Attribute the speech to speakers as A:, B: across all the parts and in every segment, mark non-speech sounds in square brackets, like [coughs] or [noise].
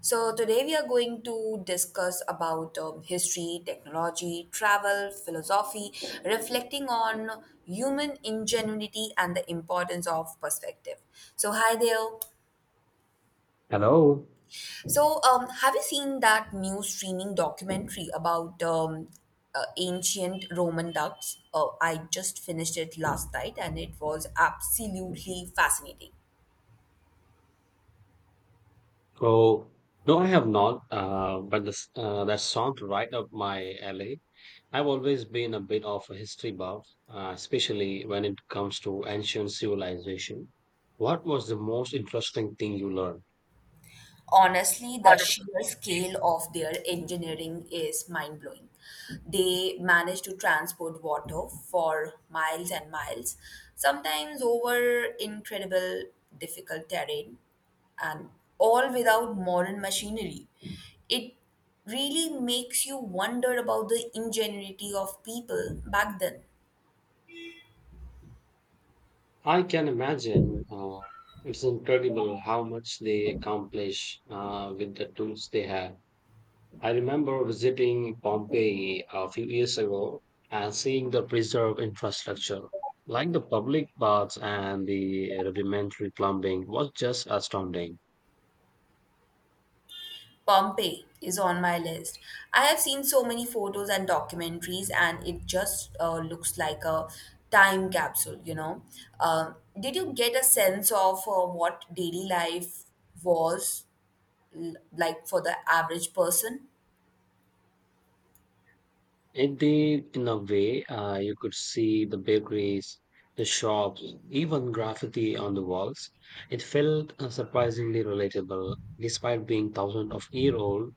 A: So today we are going to discuss about history, technology, travel, philosophy, reflecting on human ingenuity and the importance of perspective. So hi there.
B: Hello.
A: So have you seen that new streaming documentary about ancient Roman ducts? I just finished it last night and it was absolutely fascinating.
B: Oh, no, I have not. But that sounds right up my alley. I've always been a bit of a history buff, especially when it comes to ancient civilization. What was the most interesting thing you learned?
A: Honestly, the sheer scale of their engineering is mind blowing. They manage to transport water for miles and miles, sometimes over incredible difficult terrain, and all without modern machinery. It really makes you wonder about the ingenuity of people back then.
B: I can imagine. It's incredible how much they accomplish with the tools they have. I remember visiting Pompeii a few years ago and seeing the preserved infrastructure, like the public baths and the rudimentary plumbing, was just astounding.
A: Pompeii is on my list. I have seen so many photos and documentaries, and it just looks like a time capsule. Did you get a sense of what daily life was like for the average person?
B: In a way, you could see the bakeries, the shops, even graffiti on the walls. It felt surprisingly relatable, despite being thousands of year old.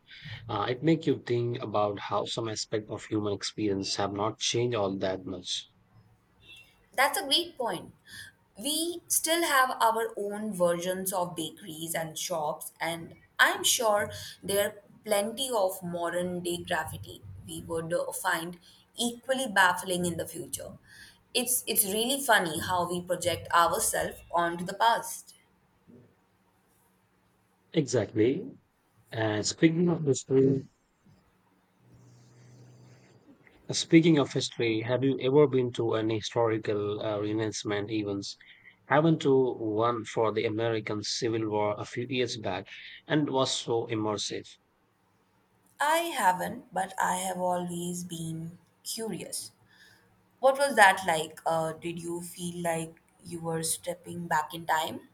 B: It make you think about how some aspect of human experience have not changed all that much.
A: That's a great point. We still have our own versions of bakeries and shops, and I'm sure there are plenty of modern day graffiti we would find equally baffling in the future. It's really funny how we project ourselves onto the past.
B: Exactly. And speaking of history, Speaking of history, have you ever been to any historical reenactment events? I went to one for the American Civil War a few years back and was so immersive.
A: I haven't, but I have always been curious. What was that like? Did you feel like you were stepping back in time?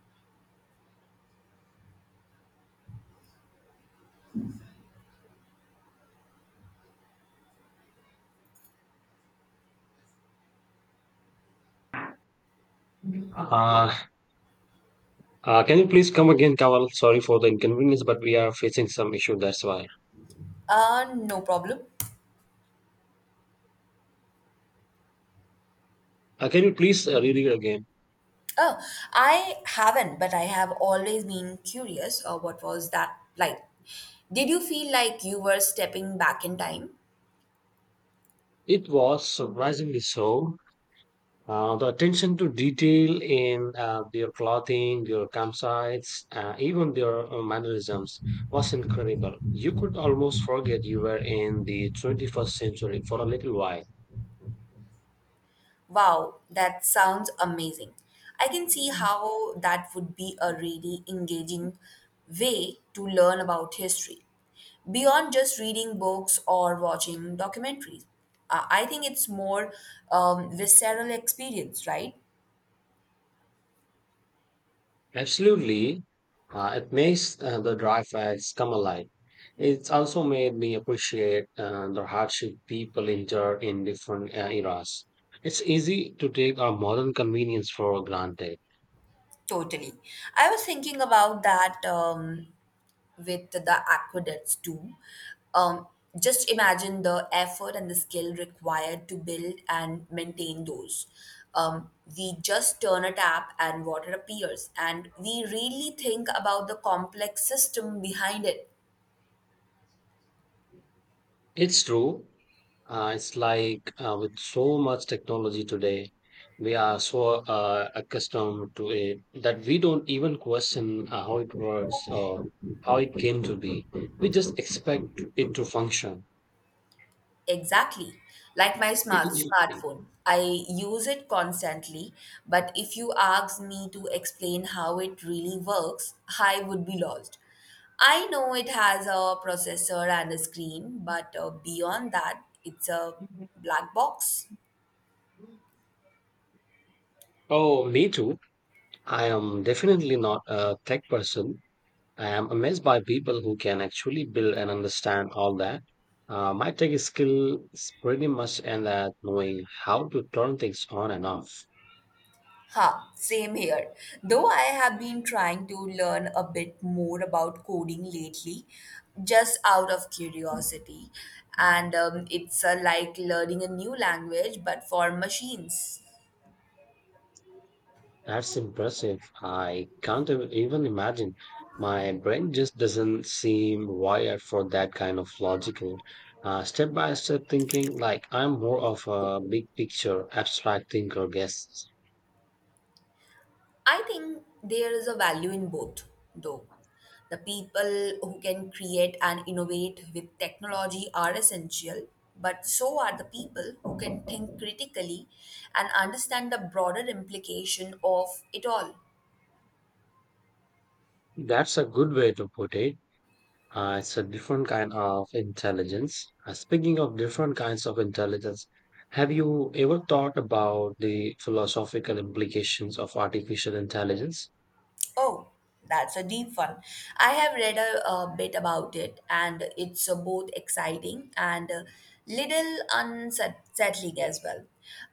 B: Uh, can you please come again, Kawal? Sorry for the inconvenience, but we are facing some issue, that's why.
A: No problem.
B: Can you please read it again?
A: Oh, I haven't, but I have always been curious, what was that like? Did you feel like you were stepping back in time?
B: It was surprisingly so. The attention to detail in their clothing, their campsites, even their mannerisms was incredible. You could almost forget you were in the 21st century for a little while.
A: Wow, that sounds amazing. I can see how that would be a really engaging way to learn about history. Beyond just reading books or watching documentaries, I think it's more visceral experience, right?
B: Absolutely, it makes the dry facts come alive. It's also made me appreciate the hardship people endure in different eras. It's easy to take our modern convenience for granted.
A: Totally. I was thinking about that. With the aqueducts too. Um, just imagine the effort and the skill required to build and maintain those. Um, we just turn a tap and water appears, and we really think about the complex system behind it.
B: It's true. It's like with so much technology today, we are so accustomed to it that we don't even question how it works or how it came to be. We just expect it to function.
A: Exactly. Like my
B: [clears throat]
A: smartphone. I use it constantly, but if you ask me to explain how it really works, I would be lost. I know it has a processor and a screen, but beyond that, it's a black box.
B: Oh, me too. I am definitely not a tech person. I am amazed by people who can actually build and understand all that. My tech skill is pretty much in that knowing how to turn things on and off.
A: Ha, same here. Though I have been trying to learn a bit more about coding lately, just out of curiosity. And it's like learning a new language, but for machines.
B: That's impressive. I can't ev- even imagine. My brain just doesn't seem wired for that kind of logical, step by step thinking. Like I'm more of a big picture, abstract thinker, guess.
A: I think there is a value in both, though. The people who can create and innovate with technology are essential, but so are the people who can think critically and understand the broader implication of it all.
B: That's a good way to put it. It's a different kind of intelligence. Speaking of different kinds of intelligence, have you ever thought about the philosophical implications of artificial intelligence?
A: Oh, that's a deep one. I have read a bit about it, and it's both exciting and a little unsettling as well.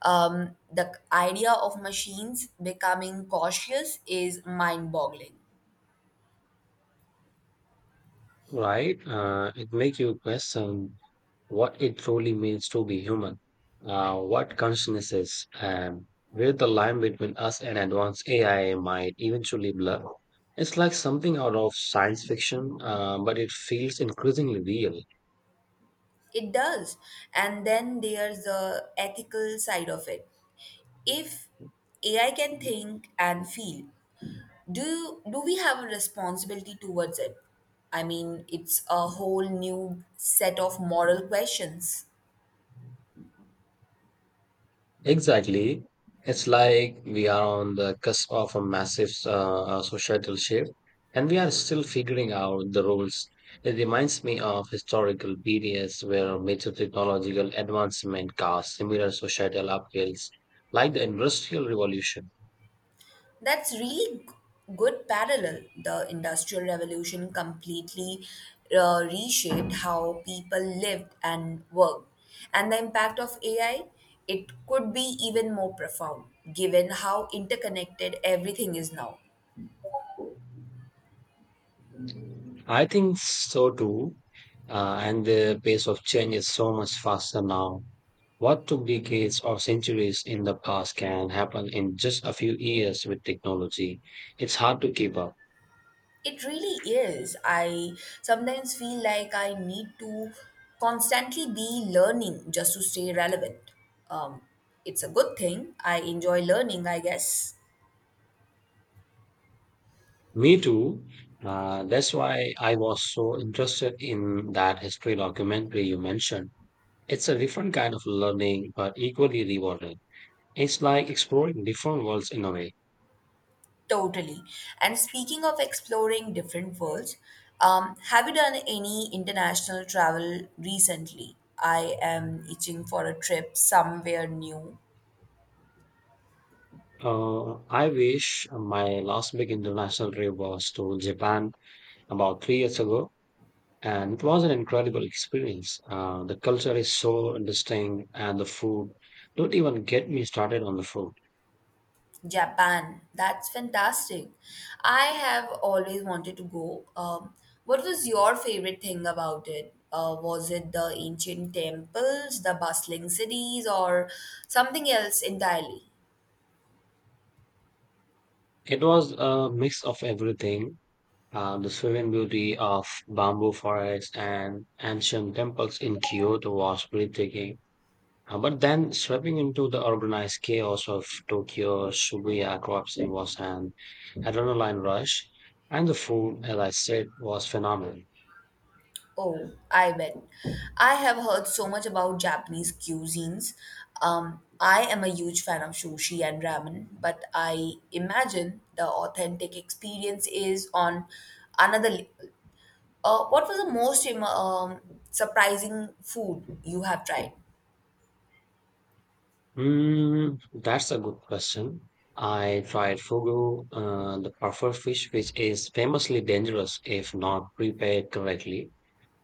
A: The idea of machines becoming cautious is mind boggling.
B: Right? It makes you question what it truly means to be human, what consciousness is, and where the line between us and advanced AI might eventually blur. It's like something out of science fiction, but it feels increasingly real.
A: It does. And then there's the ethical side of it. If AI can think and feel, do we have a responsibility towards it. I mean, it's a whole new set of moral questions.
B: Exactly. It's like we are on the cusp of a massive societal shift and we are still figuring out the rules. It reminds me of historical periods where major technological advancement caused similar societal upheavals, like the Industrial Revolution.
A: that's really g- Good parallel. The industrial revolution completely reshaped how people lived and worked, and the impact of ai, it could be even more profound given how interconnected everything is now.
B: I think so too. And the pace of change is so much faster now. What took decades or centuries in the past can happen in just a few years with technology. It's hard to keep up.
A: It really is. I sometimes feel like I need to constantly be learning just to stay relevant. Um, it's a good thing. I enjoy learning, I guess.
B: Me too. That's why I was so interested in that history documentary you mentioned. It's a different kind of learning, but equally rewarding. It's like exploring different worlds in a way.
A: Totally. And speaking of exploring different worlds, have you done any international travel recently? I am itching for a trip somewhere new.
B: I wish my last big international trip was to Japan about 3 years ago, and it was an incredible experience. The culture is so distinct, and the food. Don't even get me started on the food.
A: Japan. That's fantastic. I have always wanted to go. What was your favorite thing about it? Was it the ancient temples, the bustling cities, or something else entirely?
B: It was a mix of everything. The serene beauty of bamboo forests and ancient temples in Kyoto was breathtaking. But then sweeping into the organized chaos of Tokyo, Shibuya crossing was an adrenaline rush, and the food, as I said, was phenomenal.
A: Oh, I bet. I have heard so much about Japanese cuisines. I am a huge fan of sushi and ramen, but I imagine the authentic experience is on another. What was the most surprising food you have tried?
B: That's a good question. I tried fugu, the puffer fish, which is famously dangerous if not prepared correctly.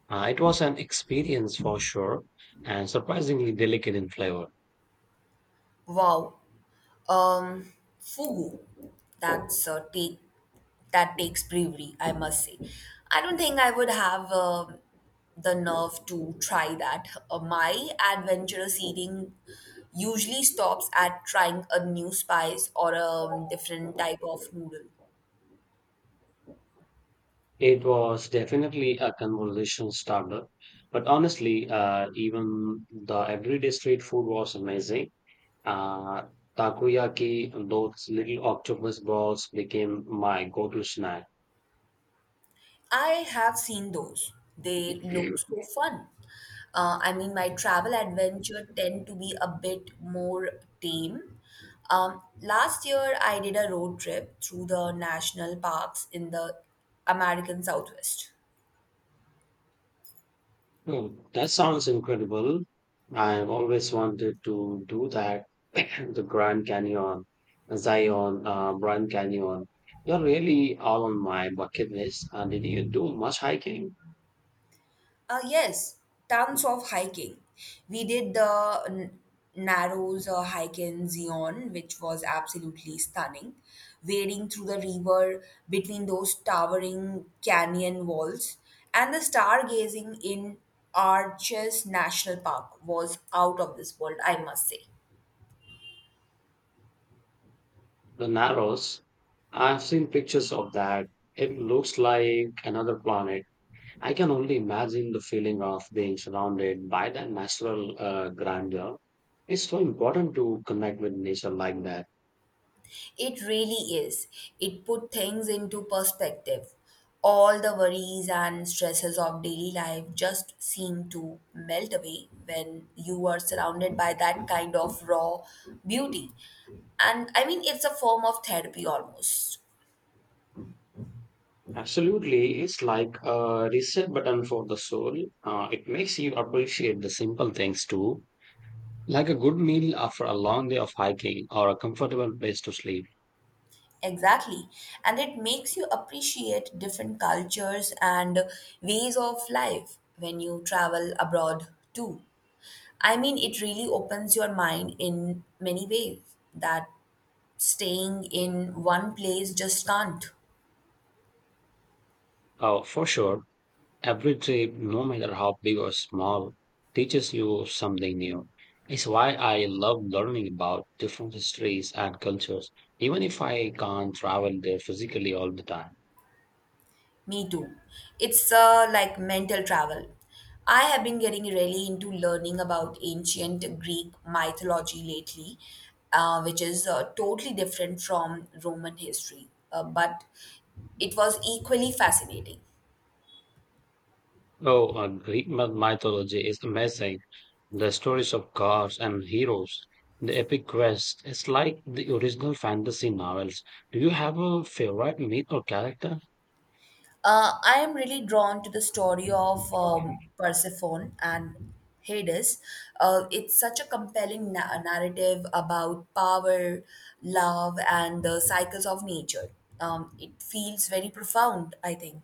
B: It was an experience for sure, and surprisingly delicate in flavor.
A: Wow, um, fugu. That's a take that takes bravery, I must say. I don't think I would have the nerve to try that. My adventurous eating usually stops at trying a new spice or a different type of noodle.
B: It was definitely a conversation starter, but honestly, even the everyday street food was amazing. Uh, Takoyaki, those little octopus balls became my go-to snack.
A: I have seen those. They look so fun. I mean, my travel adventure tend to be a bit more tame. Last year, I did a road trip through the national parks in the American Southwest.
B: Oh, that sounds incredible. I've always wanted to do that. [coughs] [clears throat] The Grand Canyon, Zion, Grand Canyon. You're really all on my bucket list. Did you do much hiking?
A: Yes, tons of hiking. We did the Narrows hike in Zion, which was absolutely stunning. Wading through the river between those towering canyon walls and the stargazing in Arches National Park was out of this world, I must say.
B: The Narrows. I've seen pictures of that. It looks like another planet. I can only imagine the feeling of being surrounded by that natural grandeur. It's so important to connect with nature like that.
A: It really is. It put things into perspective. All the worries and stresses of daily life just seem to melt away when you are surrounded by that kind of raw beauty. And I mean, it's a form of therapy almost.
B: Absolutely, it's like a reset button for the soul. It makes you appreciate the simple things too, like a good meal after a long day of hiking or a comfortable place to sleep.
A: Exactly. And it makes you appreciate different cultures and ways of life when you travel abroad too. I mean, it really opens your mind in many ways that staying in one place just can't.
B: For sure, every trip, no matter how big or small, teaches you something new. It's why I love learning about different histories and cultures, even if I can't travel there physically all the time.
A: Me too. It's like mental travel. I have been getting really into learning about ancient Greek mythology lately, which is totally different from Roman history, but it was equally fascinating.
B: Oh, Greek mythology is amazing. The stories of gods and heroes, the epic quest. It's like the original fantasy novels. Do you have a favorite myth or character?
A: I am really drawn to the story of Persephone and Hades. It's such a compelling narrative about power, love, and the cycles of nature. It feels very profound, I think.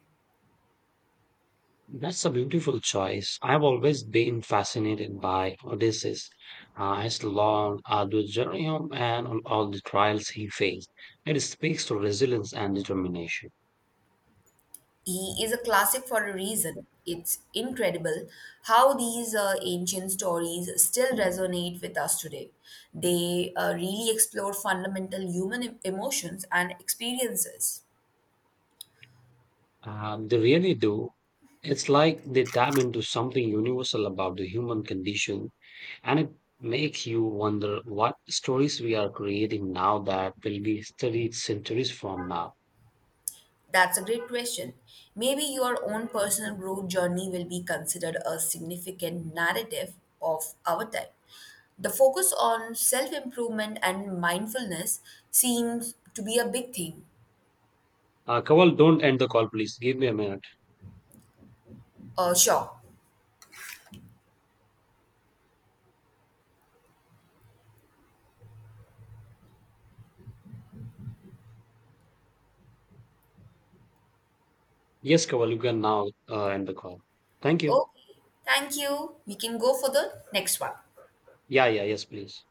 B: That's a beautiful choice. I've always been fascinated by Odysseus, his long, arduous journey home and on all the trials he faced. It speaks to resilience and determination.
A: He is a classic for a reason. It's incredible how these ancient stories still resonate with us today. They really explore fundamental human emotions and experiences.
B: They really do. It's like they tap into something universal about the human condition. And it makes you wonder what stories we are creating now that will be studied centuries from now.
A: That's a great question. Maybe your own personal growth journey will be considered a significant narrative of our time. The focus on self improvement and mindfulness seems to be a big theme.
B: Kawal, don't end the call, please. Give me a minute.
A: Sure.
B: Yes, Kawal, you can now end the call. Thank you.
A: Okay. Thank you. We can go for the next one.
B: Yeah, yeah, yes, please.